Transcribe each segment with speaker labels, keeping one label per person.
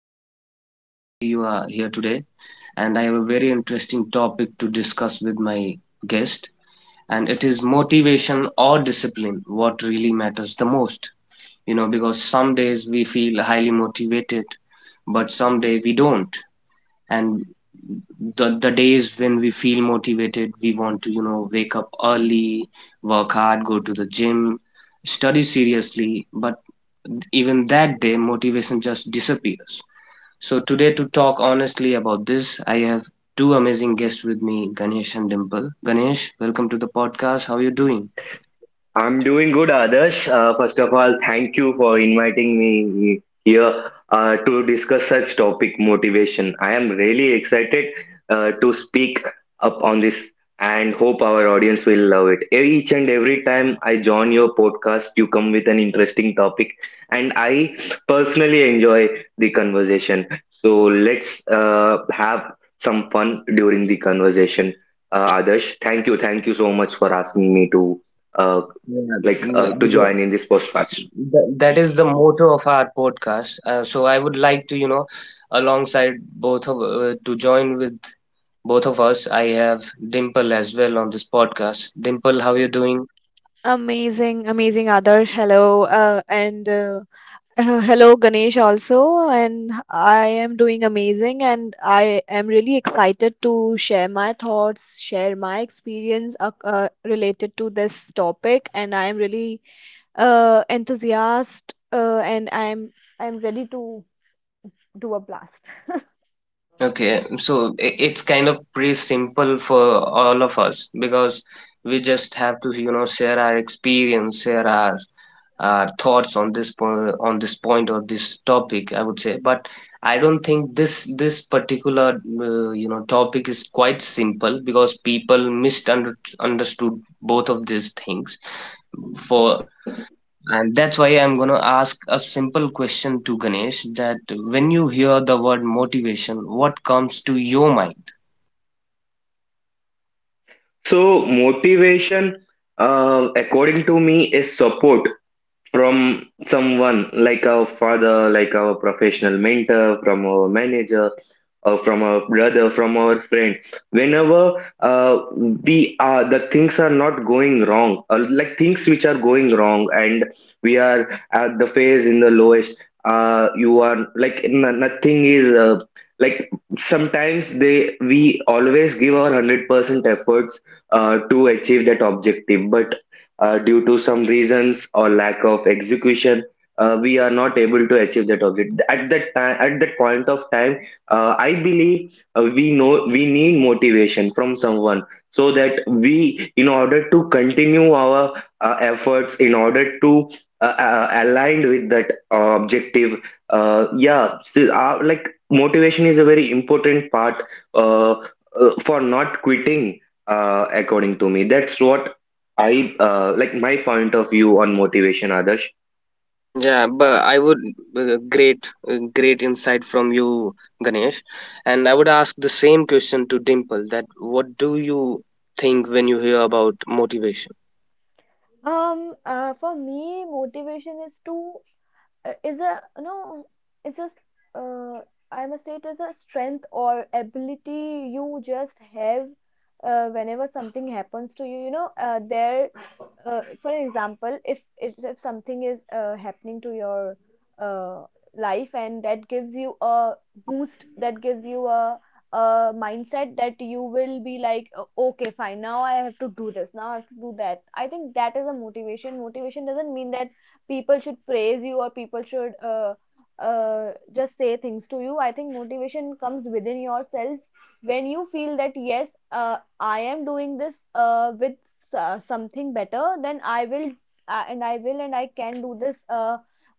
Speaker 1: I'm really happy you are here today and I have a very interesting topic to discuss with my guest, and it is motivation or discipline, what really matters the most. You know, because some days we feel highly motivated but some day we don't, and the days when we feel motivated we want to, you know, wake up early, work hard, go to the gym, study seriously, but even that day motivation just disappears. So today, to talk honestly about this, I have two amazing guests with me, Ganesh and Dimple. Ganesh, welcome to the podcast. How are you doing?
Speaker 2: I'm doing good, Adarsh. First of all, thank you for inviting me here to discuss such topic, motivation. I am really excited to speak up on this, and hope our audience will love it. Each and every time I join your podcast, you come with an interesting topic, and I personally enjoy the conversation. So let's have some fun during the conversation. Adarsh,
Speaker 1: Uh,
Speaker 2: thank you so much for asking me uh,
Speaker 1: yeah,
Speaker 2: to join in this podcast.
Speaker 1: That, that is the motto of our podcast. So I would like to, you know, alongside both of to join with both of us, I have Dimple as well on this podcast. Dimple, how you doing?
Speaker 3: Amazing, amazing, Adarsh. Hello, and hello, Ganesh also. And I am doing amazing, and I am really excited to share my thoughts, share my experience related to this topic. And I am really enthusiast, and I'm ready to do a blast.
Speaker 1: Okay, so it's kind of pretty simple for all of us because we just have to, you know, share our experience, share our thoughts on on this point or this topic, I would say. But I don't think this particular you know, topic is quite simple, because people misunderstood both of these things. For, and that's why I'm going to ask a simple question to Ganesh: that when you hear the word motivation, what comes to your mind?
Speaker 2: So motivation, according to me, is support from someone, like our father, like our professional mentor, from our manager, or from our brother, from our friend. Whenever we are the things are not going wrong, or like things which are going wrong, and we are at the phase in the lowest. You are like nothing is, like sometimes they we always give our 100% efforts to achieve that objective, but due to some reasons or lack of execution, we are not able to achieve that object at that time, at that point of time. I believe, we know we need motivation from someone so that we in order to continue our efforts, in order to aligned with that objective. uh, yeah so, uh, like Motivation is a very important part uh, for not quitting. According to me, that's what I, like, my point of view on motivation, Adarsh.
Speaker 1: Yeah, but I would, great, great insight from you, Ganesh. And I would ask the same question to Dimple: that what do you think when you hear about motivation?
Speaker 3: For me, motivation is to is a no it's just uh, I must say it is a strength or ability you just have, whenever something happens to you, you know, there for example, if something is happening to your uh, life and that gives you a boost, that gives you a mindset that you will be like, "Oh, okay, fine, now I have to do this, now I have to do that." I think that is a motivation. Motivation doesn't mean that people should praise you or people should just say things to you. I think motivation comes within yourself when you feel that, yes, I am doing this with something better, then I will and I will and I can do this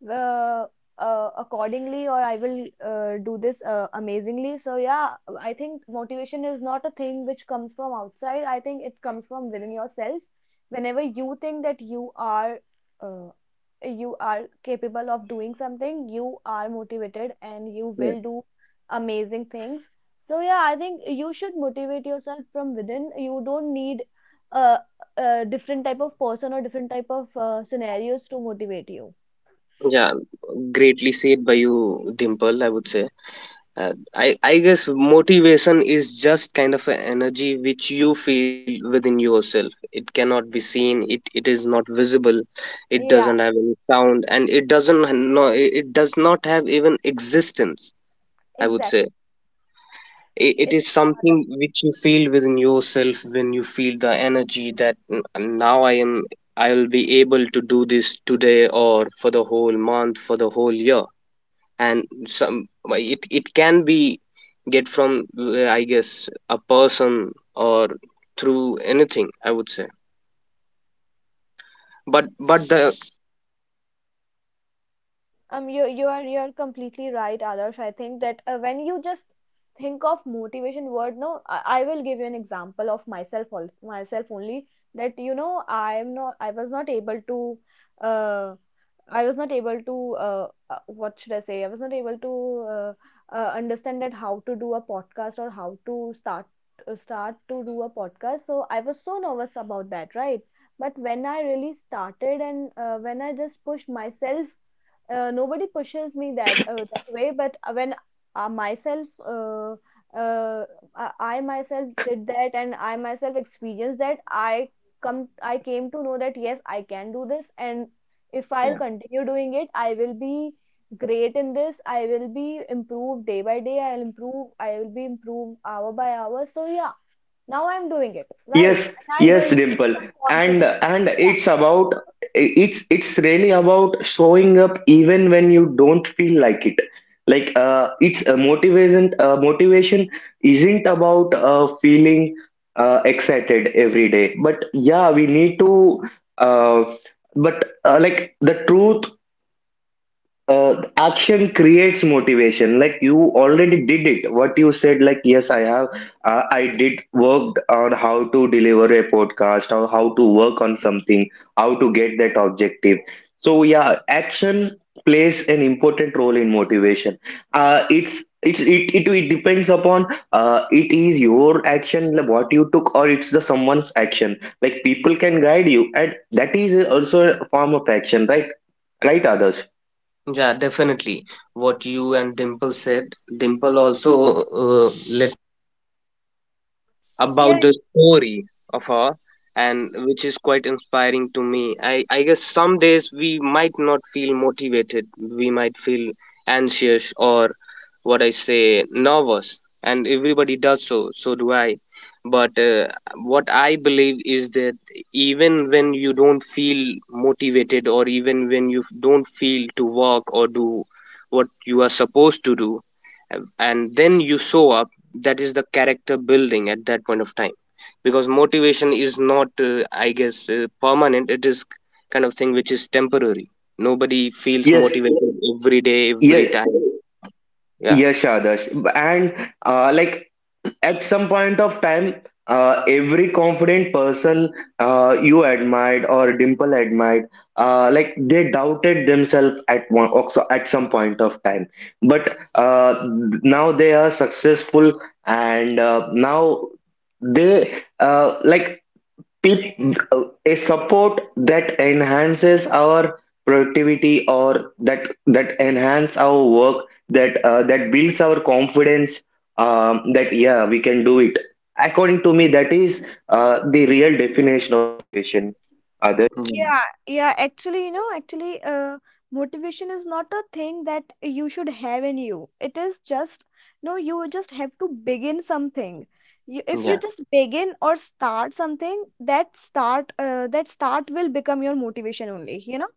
Speaker 3: uh, accordingly, or I will do this amazingly. So yeah, I think motivation is not a thing which comes from outside. I think it comes from within yourself. Whenever you think that uh, you are capable of doing something, you are motivated and you
Speaker 1: Yeah.
Speaker 3: will do amazing things. So yeah, I think you should motivate yourself from within. You don't need uh, a different type of person or different type of scenarios to motivate you.
Speaker 1: Yeah, greatly said by you, Dimple, I would say. I guess motivation is just kind of an energy which you feel within yourself. It cannot be seen. It is not visible. It
Speaker 3: Yeah,
Speaker 1: doesn't have any sound, and it doesn't ha- no. It does not have even existence. I would
Speaker 3: exactly.
Speaker 1: say it
Speaker 3: It
Speaker 1: is something which you feel within yourself, when you feel the energy that Now I am. I will be able to do this today, or for the whole month, for the whole year, and some. It can be get from I guess a person, or through anything, I would say, but the
Speaker 3: You are you're completely right, Adarsh. I think that when you just think of motivation word, no, I will give you an example of myself also, myself only, that, you know, I was not able to uh I was not able to what should I say I was not able to understand that how to do a podcast or how to start start to do a podcast. So I was so nervous about that, right? But when I really started and when I just pushed myself, nobody pushes me that that way, but when myself uh, I I myself did that, and I myself experienced that, I came to know that, yes, I can do this, and if I'll
Speaker 1: Yeah.
Speaker 3: continue doing it, I will be great in this. I will be improved day by day. I'll improve, I will be improved hour by hour. So yeah, now I'm doing it right,
Speaker 2: Yes,
Speaker 3: and I'm
Speaker 2: yes,
Speaker 3: doing it
Speaker 2: Dimple,
Speaker 3: with some
Speaker 2: and
Speaker 3: confidence.
Speaker 2: and
Speaker 3: So
Speaker 2: it's about, it's really about showing up even when you don't feel like it. Like it's a motivation. Motivation isn't about feeling excited every day, but yeah, we need to. Uh, but like The truth, action creates motivation. Like you already did it, what you said, like yes, I have, I did worked on how to deliver a podcast, or how to work on something, how to get that objective. So yeah, action plays an important role in motivation. It's it depends upon, it is your action, like what you took, or it's the someone's action. Like people can guide you, and that is also a form of action, right? Right, others?
Speaker 1: Yeah, definitely what you and Dimple said. Dimple also, uh, let
Speaker 3: yeah.
Speaker 1: about the story of her, and which is quite inspiring to me. I guess some days we might not feel motivated, we might feel anxious, or what I say, nervous, and everybody does so. So do I. But what I believe is that even when you don't feel motivated, or even when you don't feel to work or do what you are supposed to do, and then you show up, that is the character building at that point of time. Because motivation is not, I guess, permanent. It is kind of thing which is temporary. Nobody feels
Speaker 2: Yes.
Speaker 1: motivated every day, every
Speaker 2: Yeah,
Speaker 1: time. Yeah.
Speaker 2: yes, Adarsh. And like At some point of time, every confident person, you admired or Dimple admired, they doubted themselves at one also at some point of time. But now they are successful, and now they, a support that enhances our productivity, or that enhance our work, that that builds our confidence, that yeah, we can do it. According to me, that is the real definition of motivation.
Speaker 1: Mm.
Speaker 3: Yeah, yeah, actually, you know, actually, motivation is not a thing that you should have in you. It is just, no, you just have to begin something. You, if you
Speaker 1: Yeah,
Speaker 3: just begin or start something, that start will become your motivation only, you know.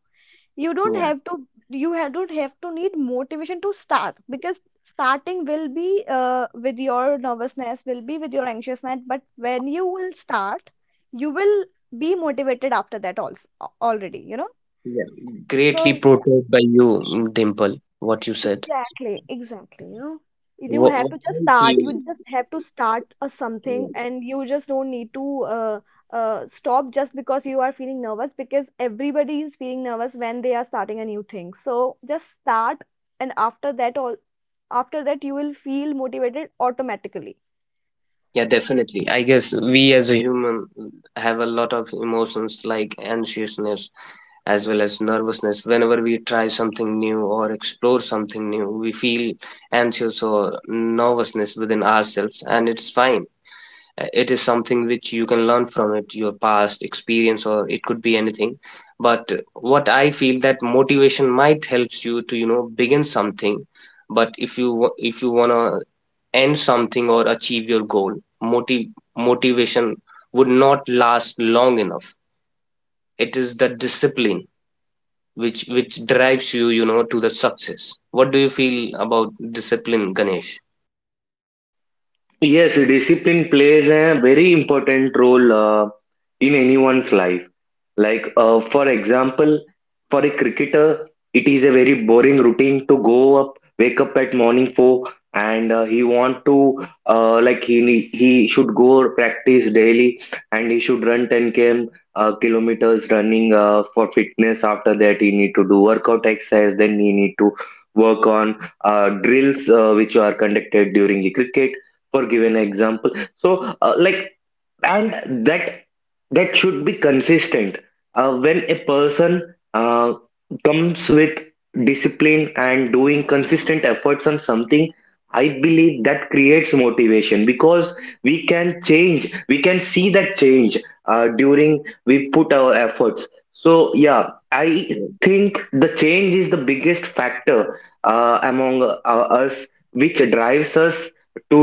Speaker 3: You don't
Speaker 1: yeah,
Speaker 3: have to you ha don't have to need motivation to start, because starting will be with your nervousness, will be with your anxiousness, but when you will start, you will be motivated after that also already, you know.
Speaker 1: yeah.
Speaker 3: So
Speaker 1: Greatly
Speaker 3: yeah.
Speaker 1: portrayed by you, mm, Dimple, what you said.
Speaker 3: Exactly, exactly. You know, you have
Speaker 1: What
Speaker 3: to just
Speaker 1: I
Speaker 3: start.
Speaker 1: feel,
Speaker 3: You just have to start a something,
Speaker 1: yeah,
Speaker 3: and you just don't need to uh, stop just because you are feeling nervous. Because everybody is feeling nervous when they are starting a new thing. So just start, and after that, all after that, you will feel motivated automatically.
Speaker 1: yeah, definitely. I guess we as a human have a lot of emotions, like anxiousness as well as nervousness. Whenever we try something new or explore something new, we feel anxious or nervousness within ourselves, and it's fine. It is something which you can learn from it, your past experience, or it could be anything. But what I feel, that motivation might helps you to, you know, begin something. But if you if you wanna end something or achieve your goal, motiv motivation would not last long enough. It is the discipline which drives you, you know, to the success. What do you feel about discipline, Ganesh?
Speaker 2: Yes, discipline plays a very important role in anyone's life. Like, for example, for a cricketer, it is a very boring routine. Go up, wake up at morning four, and he want to, he should go practice daily, and he should run 10 km, kilometers running for fitness. After that, he need to do workout exercise. Then he need to work on drills which are conducted during the cricket, for giving an example. So like and that should be consistent. When a person comes with discipline and doing consistent efforts on something, I believe that creates motivation, because we can change, we can see that change during we put our efforts. So yeah, I think the change is the biggest factor among us, which drives us to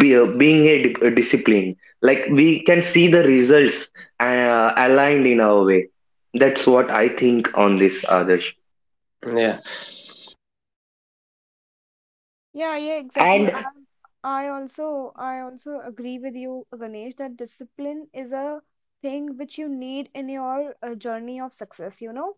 Speaker 2: be, being a, a discipline, like we can see the results aligned in our way. That's what I think on this, others.
Speaker 1: Yeah.
Speaker 3: Yeah, yeah, exactly.
Speaker 2: And
Speaker 3: I also agree with you, Ganesh, that discipline is a thing which you need in your journey of success, you know.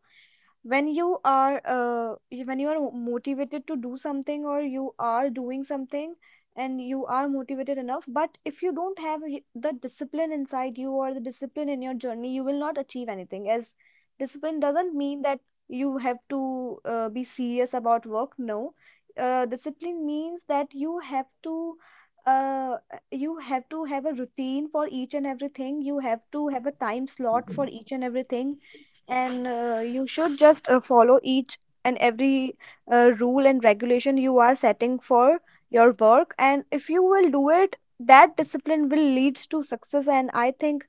Speaker 3: When you are when you are motivated to do something or you are doing something and you are motivated enough, but if you don't have the discipline inside you or the discipline in your journey, you will not achieve anything, as discipline doesn't mean that you have to be serious about work. No, discipline means that uh, you have to have a routine for each and everything, you have to have a time slot for each and everything, and you should just follow each and every rule and regulation you are setting for your work. And if you will do it, that discipline will lead to success. And I think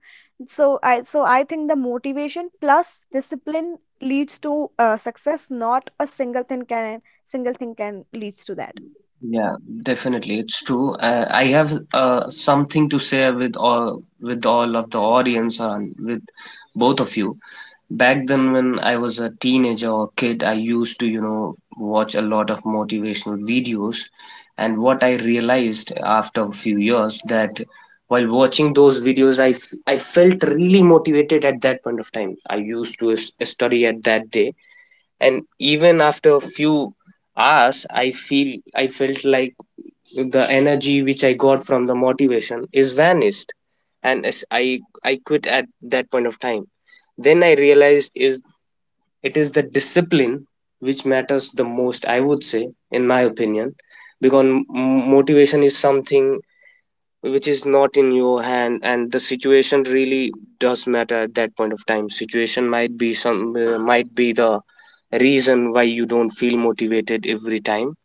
Speaker 3: so. I so I think the motivation plus discipline leads to success. Not a single thing can leads to that.
Speaker 1: Yeah, definitely, it's true. I have something to share with all, with all of the audience and with both of you. Back then, when I was a teenager or kid, I used to, you know, watch a lot of motivational videos, and what I realized after a few years that while watching those videos, I felt really motivated at that point of time. I used to study at that day, and even after a few hours, I feel I felt like the energy which I got from the motivation is vanished, and as I quit at that point of time. Then I realized is it is the discipline which matters the most, I would say, in my opinion, because motivation is something which is not in your hand, and the situation really does matter at that point of time. Situation might be some, might be the reason why you don't feel motivated every time.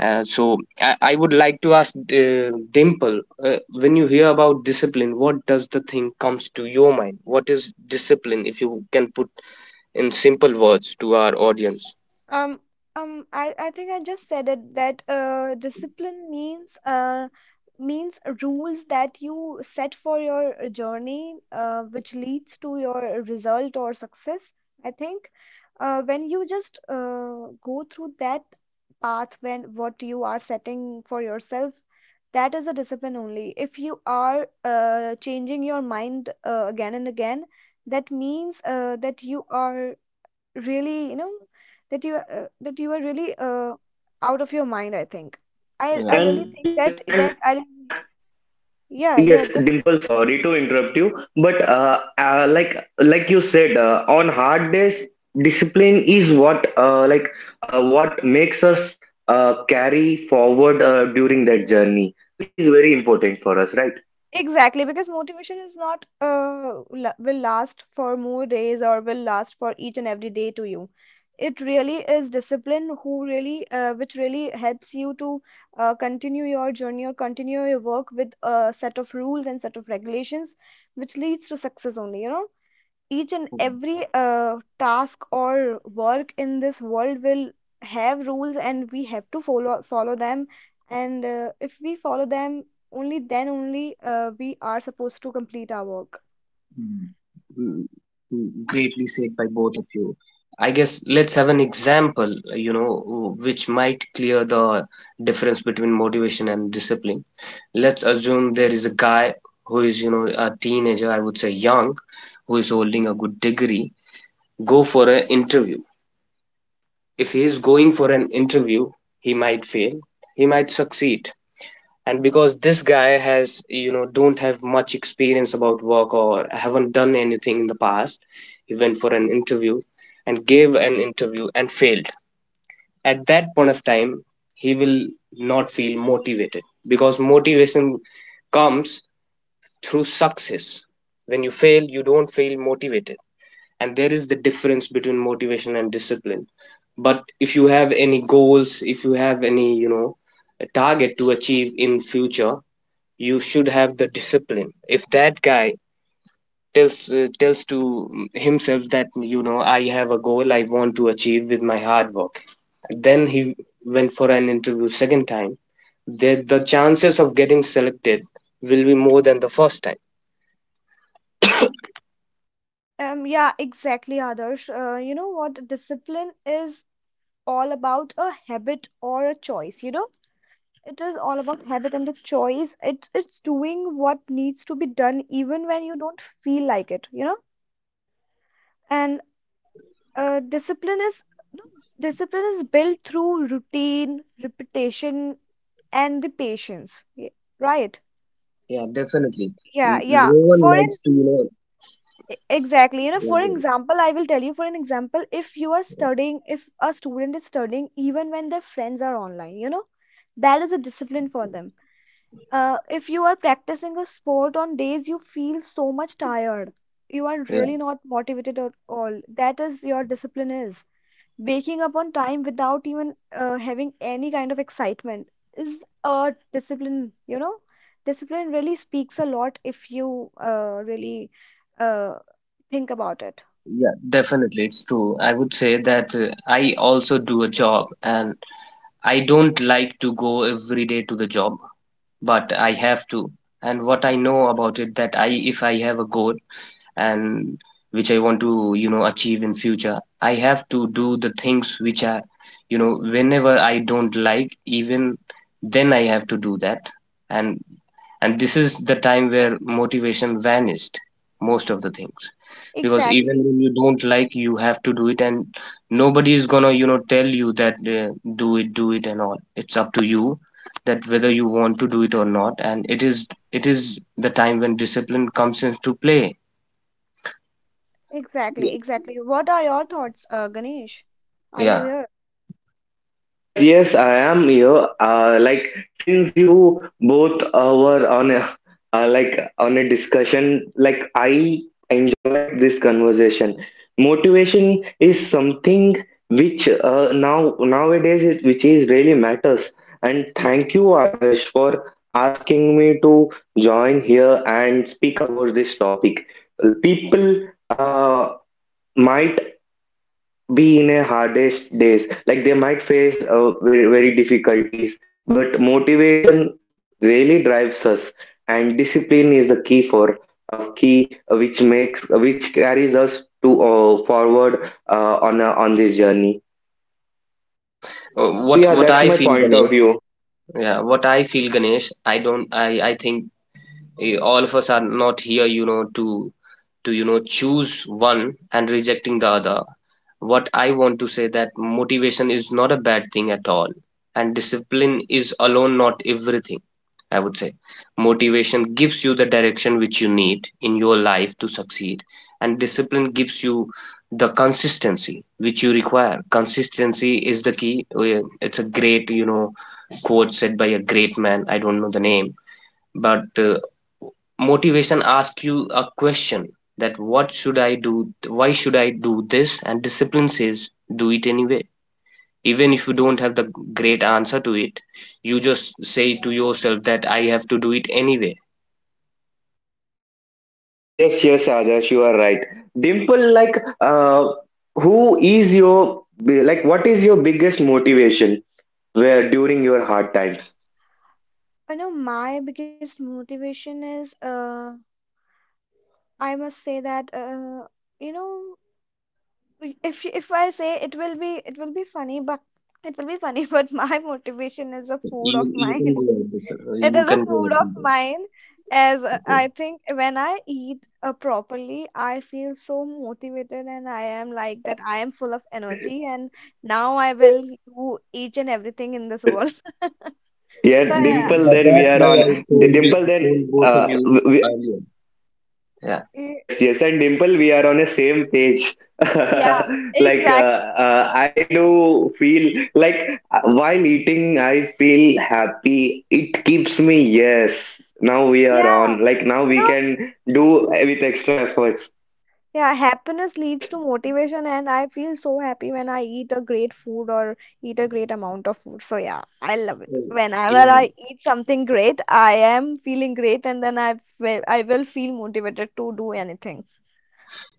Speaker 1: So I would like to ask Dimple, when you hear about discipline, what does the thing comes to your mind? What is discipline, if you can put in simple words to our audience?
Speaker 3: Um, I think I just said it that discipline means rules that you set for your journey, which leads to your result or success. I think when you just go through that path, when what you are setting for yourself, that is a discipline only. If you are changing your mind again and again, that means that you are really, you know, that you are really out of your mind, I think. I
Speaker 1: Yeah.
Speaker 2: and
Speaker 1: Yeah.
Speaker 3: really think
Speaker 2: yes
Speaker 3: that that
Speaker 2: and
Speaker 3: I
Speaker 2: uh,
Speaker 3: yeah, yeah,
Speaker 2: yes,
Speaker 3: go
Speaker 2: Dimple, sorry to interrupt you, but like you said, on hard days, discipline is what, what makes us carry forward during that journey, is very important for us, right?
Speaker 3: exactly, because motivation is not la will last for more days or will last for each and every day to you. It really is discipline who really which really helps you to continue your journey or continue your work with a set of rules and set of regulations, which leads to success only, you know. Each and every task or work in this world will have rules, and we have to follow them, and if we follow them, only then, only we are supposed to complete our work.
Speaker 1: Mm, mm, mm.
Speaker 2: Yes,
Speaker 1: Greatly
Speaker 2: yes,
Speaker 1: said by both of
Speaker 2: what you
Speaker 1: you.
Speaker 2: said is
Speaker 1: I guess let's have an
Speaker 2: absolutely right.
Speaker 1: example, you know, which might clear the difference between motivation and discipline. Let's assume there is a guy who is, you know, a teenager, I would say, young, who is holding a good degree, go for an interview. If he is going for an interview, he might fail, he might succeed. And because this guy has, you know, don't have much experience about work or haven't done anything in the past, he went for an interview and gave an interview and failed. At that point of
Speaker 2: and
Speaker 1: time, he will not feel motivated, because motivation
Speaker 2: Mhm.
Speaker 1: comes through success. When you fail,
Speaker 2: Mm.
Speaker 1: you don't feel motivated. And there is the difference between motivation and discipline. But if you have any goals, if you have any, you know, a target to achieve in future, you should have the discipline. If that guy tells, tells to himself, that you know I have a goal I want to achieve with my hard work, then he went for an interview second time. The chances of getting selected will be more than the first time.
Speaker 3: Yeah, exactly, Adarsh. You know, what discipline is all about, a habit or a choice, you know. It is all about habit and a choice. It it's doing what needs to be done even when you don't feel like it, you know. And
Speaker 1: Yeah.
Speaker 3: Discipline is no, discipline is built through routine, repetition, and the patience. Right?
Speaker 1: Yeah, definitely.
Speaker 3: Yeah, yeah.
Speaker 1: No one
Speaker 3: For an
Speaker 1: likes to, you know,
Speaker 3: exactly, you know, for
Speaker 1: like,
Speaker 3: example, I will tell you. For an example, if you are
Speaker 1: uh,
Speaker 3: studying, if a student is studying, even when their friends are online, you know, that is a
Speaker 1: yeah,
Speaker 3: discipline for them. If you are practicing a sport on days you feel so much tired, you are
Speaker 1: yeah,
Speaker 3: really not motivated at all. That is your discipline is. Waking up on time without even having any kind of excitement is a discipline, you know. Discipline really speaks a lot if you really uh, think about it.
Speaker 1: yeah, definitely, it's true. I would say that I also do a job, and I don't like to go every day to the job, but I have to. And what I know about it, that I, if I have a goal, and which I want to, you know, achieve in future, I have to do the things which are, you know, whenever I don't like, even then I have to do that. and and this is the time where motivation vanished most of the things, because even
Speaker 3: Exactly,
Speaker 1: when you don't like, you have to do it, and nobody is gonna, you know, tell you that, do it, do it, and all. It's up to you that whether you want to do it or not, and it is the time when discipline comes into play.
Speaker 3: exactly, exactly. What are your thoughts, Ganesh? Are you
Speaker 1: Yeah,
Speaker 3: here?
Speaker 2: Oh, yes, yes, I am here. Since you both were on a, on a discussion, like I enjoyed this conversation. Motivation is something which, nowadays, which is really matters. And thank you, Adarsh, for asking me to join here and speak about this topic. People might be in a hardest days, like they might face very very difficulties, but motivation really drives us, and discipline is the key, for of key which makes, which carries us to forward on this journey.
Speaker 1: yeah.
Speaker 2: So
Speaker 1: What
Speaker 2: yeah,
Speaker 1: what
Speaker 2: that's
Speaker 1: I
Speaker 2: my
Speaker 1: feel,
Speaker 2: point of
Speaker 1: Ganesh.
Speaker 2: view.
Speaker 1: Yeah, what I feel, Ganesh. I don't. I think, eh, all of us are not here, you know, to, you know, choose one and rejecting the other. What I want to say, that motivation is not a bad thing at all, and discipline is alone not everything, I would say. Motivation gives you the direction which you need in your life to succeed, and discipline gives you the consistency which you require. Consistency is the key. It's a great, you know, quote said by a great man. I don't know the name, but motivation asks you a question, that what should I do? Why should I do this? And discipline says, do it anyway, even if you don't have the great answer to it. You just say to yourself that I have to do it anyway.
Speaker 2: Yes, yes, Adarsh, you are right. Dimple, who is your, what is your biggest motivation, where during your hard times?
Speaker 3: You know, my biggest motivation is, I must say that, you know, if I say it will be funny, but it will be funny, but my motivation is the
Speaker 1: Yeah,
Speaker 3: food of
Speaker 1: you can
Speaker 3: mine.
Speaker 1: go ahead this,
Speaker 3: It
Speaker 1: you
Speaker 3: is a
Speaker 1: can go
Speaker 3: food
Speaker 1: ahead with
Speaker 3: of
Speaker 1: that.
Speaker 3: mine, as
Speaker 1: Okay,
Speaker 3: I think when I eat properly, I feel so motivated, and I am like that I am full of energy, and now I will do each and everything in this world. So
Speaker 2: Yeah,
Speaker 3: yeah,
Speaker 2: Dimple,
Speaker 1: but
Speaker 2: then we
Speaker 1: that's
Speaker 2: are
Speaker 1: why I
Speaker 2: on.
Speaker 1: told you,
Speaker 2: Dimple, then
Speaker 1: told both of you
Speaker 2: w- we,
Speaker 1: earlier, yeah.
Speaker 3: y-
Speaker 2: Yes, yes, and Dimple, we are on the same page.
Speaker 3: yeah,
Speaker 2: Like,
Speaker 3: exactly.
Speaker 2: I do feel like while eating, I feel happy. It keeps me, yes, now we are
Speaker 3: Yeah,
Speaker 2: on. Like, now
Speaker 3: you
Speaker 2: we
Speaker 3: know,
Speaker 2: can do with extra efforts.
Speaker 3: yeah, happiness leads
Speaker 2: Yes.
Speaker 3: to motivation, and I feel so happy when I eat a great food or eat a great amount of food. So yeah, I love it.
Speaker 1: Uh,
Speaker 3: Whenever
Speaker 1: yeah
Speaker 3: I eat something great, I am feeling great, and then I will feel motivated to do anything.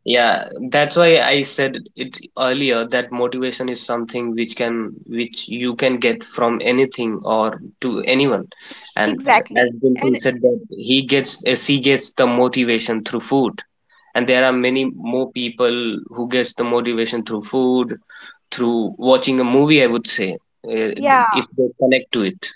Speaker 1: yeah, that's why I said it earlier, that motivation is something which can, which you can get from anything or to anyone. And
Speaker 3: Exactly.
Speaker 1: as Dimple
Speaker 3: And
Speaker 1: said that he gets, as he gets the motivation through food, and there are many more people who gets the motivation through food, through watching a movie, I would say,
Speaker 3: yeah,
Speaker 1: if they connect to it.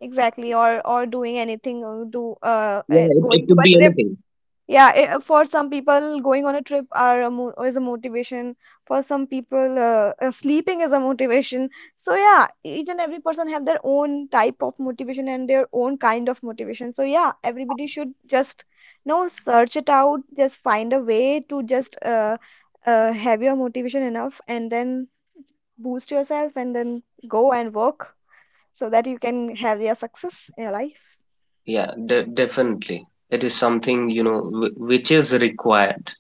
Speaker 3: exactly. Or doing anything, or do
Speaker 1: Yeah, it
Speaker 3: going to
Speaker 1: could
Speaker 3: a
Speaker 1: be
Speaker 3: trip.
Speaker 1: anything.
Speaker 3: Yeah, for some people, going on a trip are a mo is a motivation. For some people, sleeping is a motivation. So yeah, each and every person have their own type of motivation and their own kind of motivation. So yeah, everybody should just, you know, search it out. Just find a way to just have your motivation enough, and then boost yourself, and then go and work so that you can have your success in your life.
Speaker 1: Yeah, definitely it is something, you know, which is required,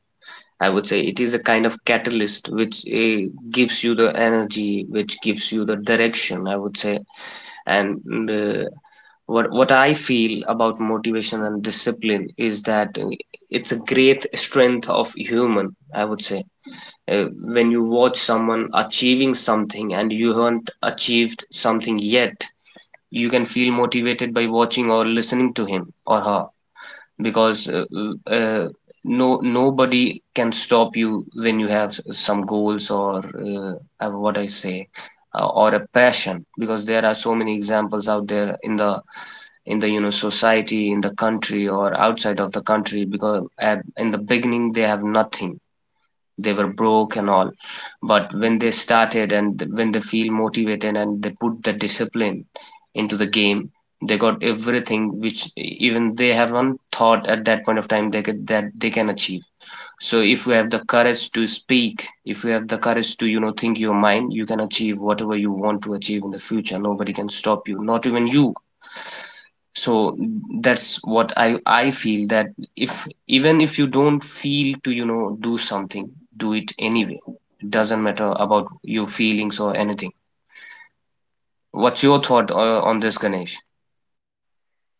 Speaker 1: I would say. It is a kind of catalyst which, gives you the energy, which gives you the direction, I would say. And what I feel about motivation and discipline is that, it's a great strength of human, I would say. uh, when you watch someone achieving something and you haven't achieved something yet, you can feel motivated by watching or listening to him or her. Because uh, no nobody can stop you when you have some goals or, what I say, or a passion. Because there are so many examples out there in the, you know, society, in the country or outside of the country, because at, in the beginning, they have nothing, they were broke and all. But when they started and when they feel motivated and they put the discipline into the game, they got everything which even they haven't thought at that point of time they could, that they can achieve. So if you have the courage to speak, if you have the courage to, you know, think your mind, you can achieve whatever you want to achieve in the future. Nobody can stop you, not even you. So that's what I feel, that if even if you don't feel to, you know, do something, do it anyway. It doesn't matter about your feelings or anything. What's your thought on this, Ganesh?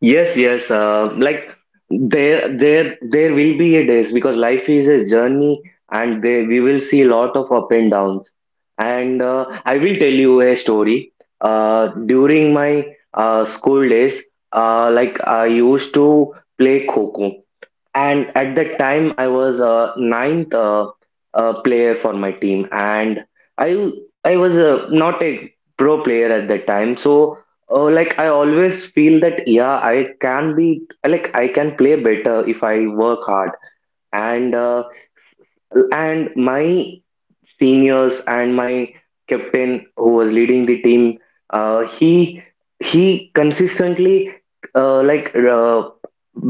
Speaker 2: Yes, yes. There, there will be a days, because life is a journey, and there we will see a lot of up and downs. And I will tell you a story. During my school days, I used to play kho, and at that time I was a ninth player for my team, and i I was not a pro player at that time. So I always feel that yeah, I can be, I can play better if I work hard. And my seniors and my captain, who was leading the team, uh, he he consistently, uh, like uh,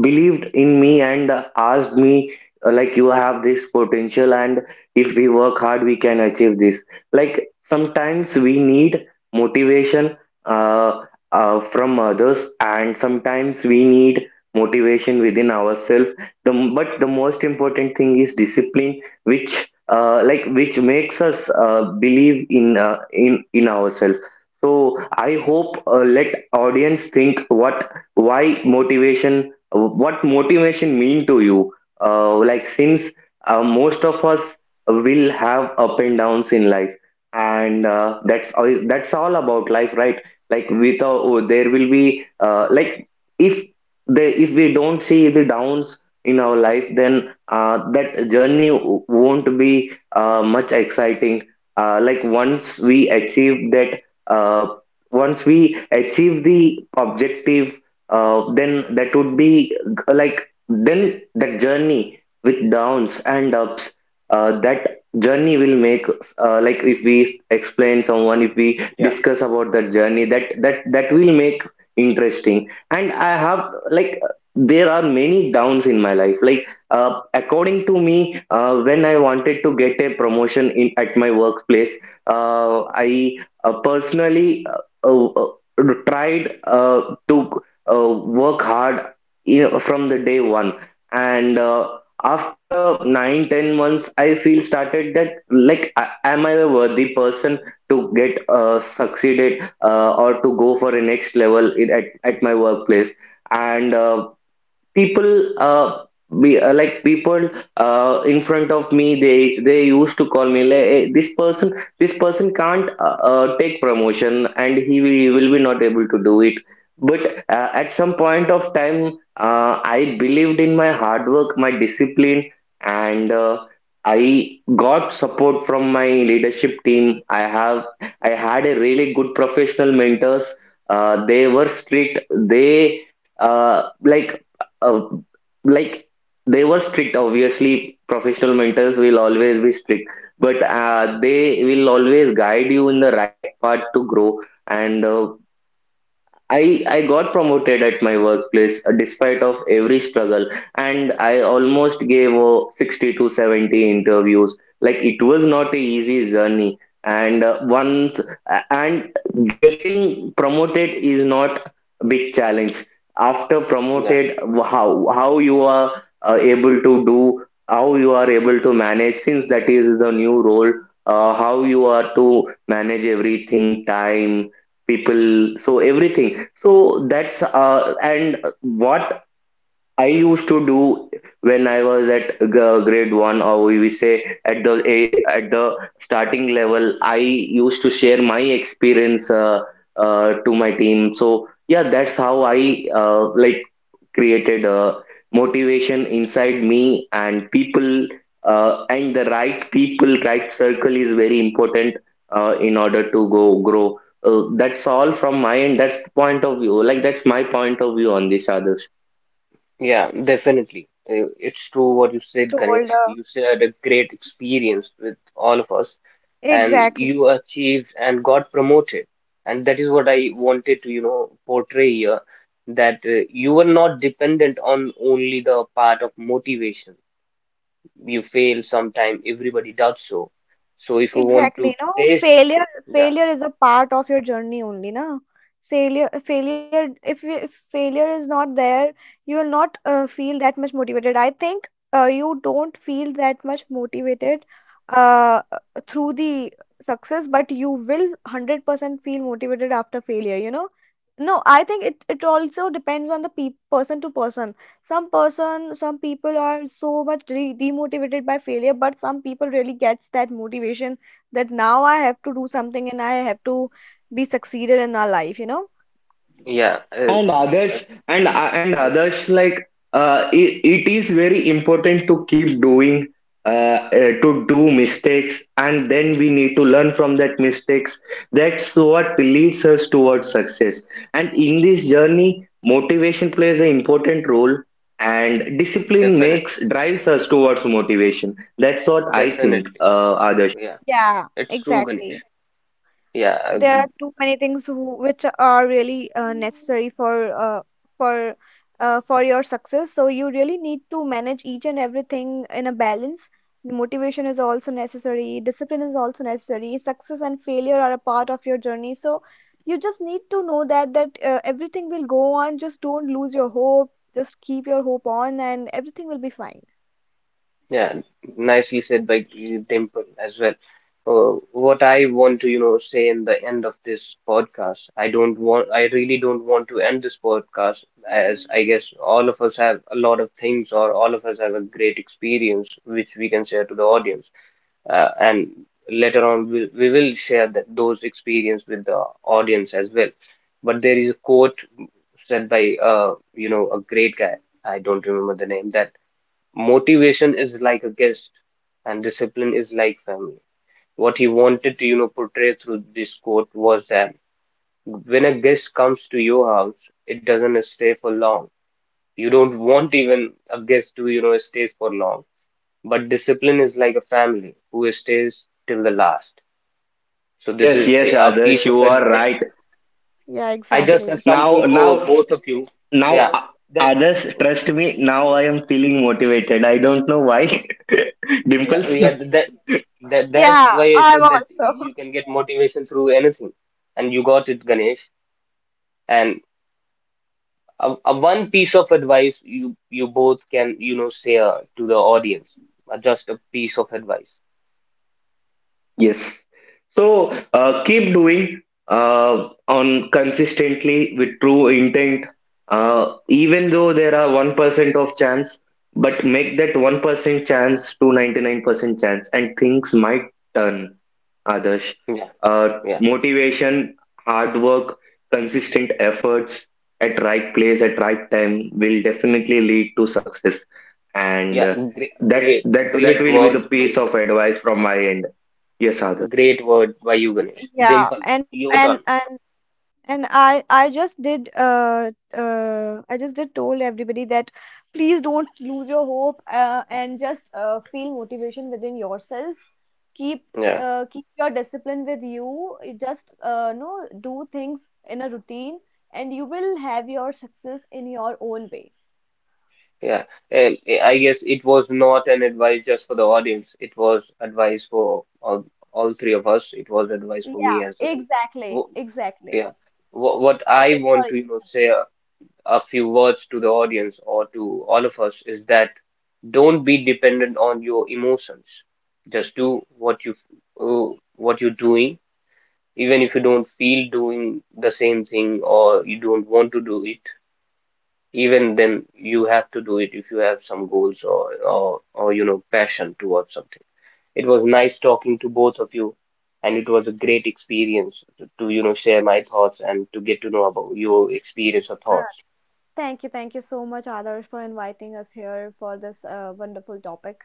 Speaker 2: believed in me and asked me, you have this potential, and if we work hard we can achieve this. Like sometimes we need motivation uh, from others, and sometimes we need motivation within ourselves. But the most important thing is discipline, which, which makes us believe in, in ourselves. So I hope, let audience think what, why motivation, what motivation mean to you. Since most of us will have up and downs in life, and that's all, that's all about life, right? like without oh, There will be, if the if we don't see the downs in our life, then that journey won't be much exciting. Once we achieve that, uh, once we achieve the objective, then that would be, then that journey with downs and ups, that journey will make, if we explain someone, if we
Speaker 1: Yeah,
Speaker 2: discuss about the journey, that will make interesting. And I have, like there are many downs in my life, like according to me, when I wanted to get a promotion in at my workplace, I personally tried to work hard, you know, from the day one, and after 9-10 months, I feel started that like, am I a worthy person to get succeeded or to go for a next level in, at my workplace? And people, be, like people in front of me, they used to call me like, "Hey, this person, can't take promotion, and he will be not able to do it." But at some point of time, I believed in my hard work, my discipline, and I got support from my leadership team. I had a really good professional mentors. Uh, they were strict they uh, like uh, like They were strict. Obviously, professional mentors will always be strict, but they will always guide you in the right path to grow. And I got promoted at my workplace despite of every struggle. And I almost gave 60 to 70 interviews. Like it was not a easy journey. And a- and getting promoted is not a big challenge. After
Speaker 1: yeah,
Speaker 2: promoted, how you are able to do, how you are able to manage, since that is the new role, how you are to manage everything, time, people, so everything. So that's and what I used to do when I was at grade one, or we say at the, at the starting level, I used to share my experience to my team. So yeah, that's how I created a motivation inside me. And people, and the right people, right circle, is very important in order to go grow. That's all from my end, that's the point of view, like, that's my point of view on this, others.
Speaker 1: yeah.
Speaker 3: You you,
Speaker 1: Exactly.
Speaker 3: you
Speaker 1: It's
Speaker 3: really
Speaker 1: true what you said, Ganesh.
Speaker 3: told
Speaker 1: You shared a great experience with all of us. And
Speaker 3: exactly.
Speaker 1: you achieved and got promoted, and that is what I wanted to, you know, portray here, that you were not dependent on only the part of motivation. You fail sometime, everybody does. So, so if you want to
Speaker 3: Exactly, no,
Speaker 1: taste,
Speaker 3: failure
Speaker 1: yeah.
Speaker 3: failure is a part of your journey only, na. Failure if, if failure is not there, you will not feel that much motivated, I think. You don't feel that much motivated uh, through the success, but you will 100% feel motivated after failure, you know. No, I think it it also depends on the pe person to person. Some people are so much de demotivated by failure, but some people really gets that motivation, that now I have to do something and I have to be succeeded in our life, you know?
Speaker 1: Yeah
Speaker 2: and
Speaker 1: uh,
Speaker 2: others and
Speaker 1: yes.
Speaker 2: others, like it, it is very important to keep doing, uh, uh, to do mistakes, and then we need to learn from that mistakes. That's what leads us towards success. And in this journey, motivation plays an important role, and discipline
Speaker 1: Definitely,
Speaker 2: makes drives us towards motivation. That's what I think,
Speaker 1: definitely,
Speaker 2: others.
Speaker 1: yeah.
Speaker 3: Yeah,
Speaker 1: It's true, Ganesh.
Speaker 3: exactly.
Speaker 1: yeah uh,
Speaker 3: There are too many things who, which are really necessary for for for your success. So you really need to manage each and everything in a balance. Motivation is also necessary. Discipline is also necessary. Success and failure are a part of your journey. So you just need to know that that everything will go on. Just don't lose your hope. Just keep your hope on, and everything will be fine.
Speaker 1: Yeah, nicely said by Dimple as well. What I want to, you know, say in the end of this podcast, I don't want, I really don't want to end this podcast, as I guess all of us have a lot of things, or all of us have a great experience which we can share to the audience. And later on, we will share that, those experience with the audience as well. But there is a quote said by, you know, a great guy. I don't remember the name. That motivation is like a guest, and discipline is like family. What he wanted to, you know, portray through this quote was that when a guest comes to your house, it doesn't stay for long. You don't want even a guest to, you know, stays for long. But discipline is like a family who stays till the last. So this
Speaker 2: Yes,
Speaker 1: is
Speaker 2: yes,
Speaker 1: a piece
Speaker 2: Adarsh,
Speaker 1: of
Speaker 2: you are
Speaker 1: advice.
Speaker 2: right.
Speaker 3: Yeah,
Speaker 1: I just have
Speaker 3: exactly.
Speaker 2: Now,
Speaker 1: something for
Speaker 2: now
Speaker 1: both of you.
Speaker 2: Now
Speaker 1: Yeah, that.
Speaker 2: Others,
Speaker 1: Okay,
Speaker 2: trust me, now
Speaker 1: yeah.
Speaker 2: I am feeling motivated. I don't know why. Dimple?
Speaker 1: Yeah, that that's
Speaker 3: Yeah,
Speaker 1: why I
Speaker 3: I'm
Speaker 1: said that
Speaker 3: also.
Speaker 1: you can get motivation through anything, and you got it, Ganesh. And a one piece of advice you you both can, you know, share to the audience, just a piece of advice.
Speaker 2: Yes. So keep doing on consistently with true intent, even though there are 1% of chance, but make that 1% chance to 99% chance, and things might turn. Others,
Speaker 1: Yeah,
Speaker 2: uh,
Speaker 1: yeah,
Speaker 2: motivation, hard work, consistent efforts at right place at right time will definitely lead to success, and
Speaker 1: yeah.
Speaker 2: that
Speaker 1: Great
Speaker 2: will be the
Speaker 1: words,
Speaker 2: piece of
Speaker 1: Ganesh.
Speaker 2: advice from my end. Yes, Adarsh.
Speaker 1: Great word by you, Ganesh.
Speaker 3: Yeah,
Speaker 1: Dimple, your turn.
Speaker 3: and I just did I just did told everybody that please don't lose your hope, and just feel motivation within yourself. Keep
Speaker 1: Yeah,
Speaker 3: keep your discipline with you. You just no do things in a routine, and you will have your success in your own way.
Speaker 1: yeah. I guess it was not an advice just for the audience. It was advice for all three of us. It was advice
Speaker 3: Yeah,
Speaker 1: for me as
Speaker 3: exactly,
Speaker 1: well. Yeah.
Speaker 3: exactly.
Speaker 1: What
Speaker 3: It
Speaker 1: I
Speaker 3: is
Speaker 1: want
Speaker 3: for
Speaker 1: to, you know, say a few words to the audience or to all of us is that don't be dependent on your emotions. Just do what you what you're doing, even if you don't feel doing the same thing or you don't want to do it. Even then, you have to do it if you have some goals or, you know, passion towards something. It was nice talking to both of you, and it was a great experience to, you know, share my thoughts and to get to know about your experience or thoughts.
Speaker 3: thank you, thank you so much, Adarsh, for inviting us here for this wonderful topic.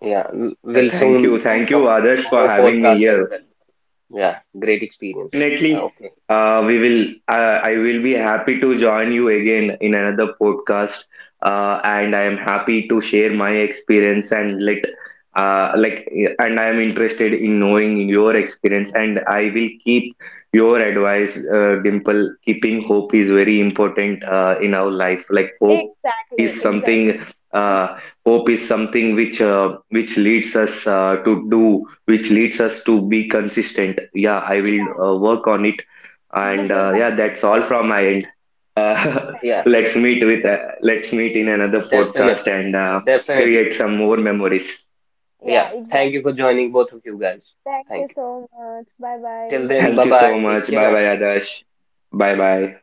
Speaker 1: Yeah,
Speaker 2: Yeah,
Speaker 1: we'll
Speaker 2: thank you.
Speaker 1: soon do
Speaker 2: Thank you,
Speaker 1: some
Speaker 2: Adarsh, for
Speaker 1: more
Speaker 2: having me
Speaker 1: podcasts as
Speaker 2: here.
Speaker 1: well. Yeah, great
Speaker 2: Yeah,
Speaker 1: experience.
Speaker 2: definitely.
Speaker 1: Okay.
Speaker 2: We will. I will be happy to join you again in another podcast. And I am happy to share my experience and let, uh, like, and I am interested in knowing your experience. And I will keep your advice, Dimple. Keeping hope is very important in our life. Like hope
Speaker 3: Exactly,
Speaker 2: is
Speaker 3: exactly.
Speaker 2: something. Uh, Hope is something which, which leads us to do which leads us to be consistent. Yeah, I will work on it. And
Speaker 3: Yeah,
Speaker 2: yeah, that's all from my end. Uh,
Speaker 3: thank-
Speaker 1: Yeah,
Speaker 2: let's meet with, let's meet in another podcast,
Speaker 1: definitely.
Speaker 2: and
Speaker 1: Definitely.
Speaker 2: create some more memories.
Speaker 3: yeah,
Speaker 1: Yeah. Thank you
Speaker 3: exactly.
Speaker 1: for joining, both of you guys.
Speaker 3: Thank you
Speaker 1: Thank you.
Speaker 3: so much. Bye
Speaker 1: Till
Speaker 3: bye.
Speaker 1: then, bye
Speaker 2: Thank you
Speaker 1: bye.
Speaker 2: so
Speaker 1: Take
Speaker 2: much. Bye
Speaker 1: care.
Speaker 2: bye, Adash. Bye bye.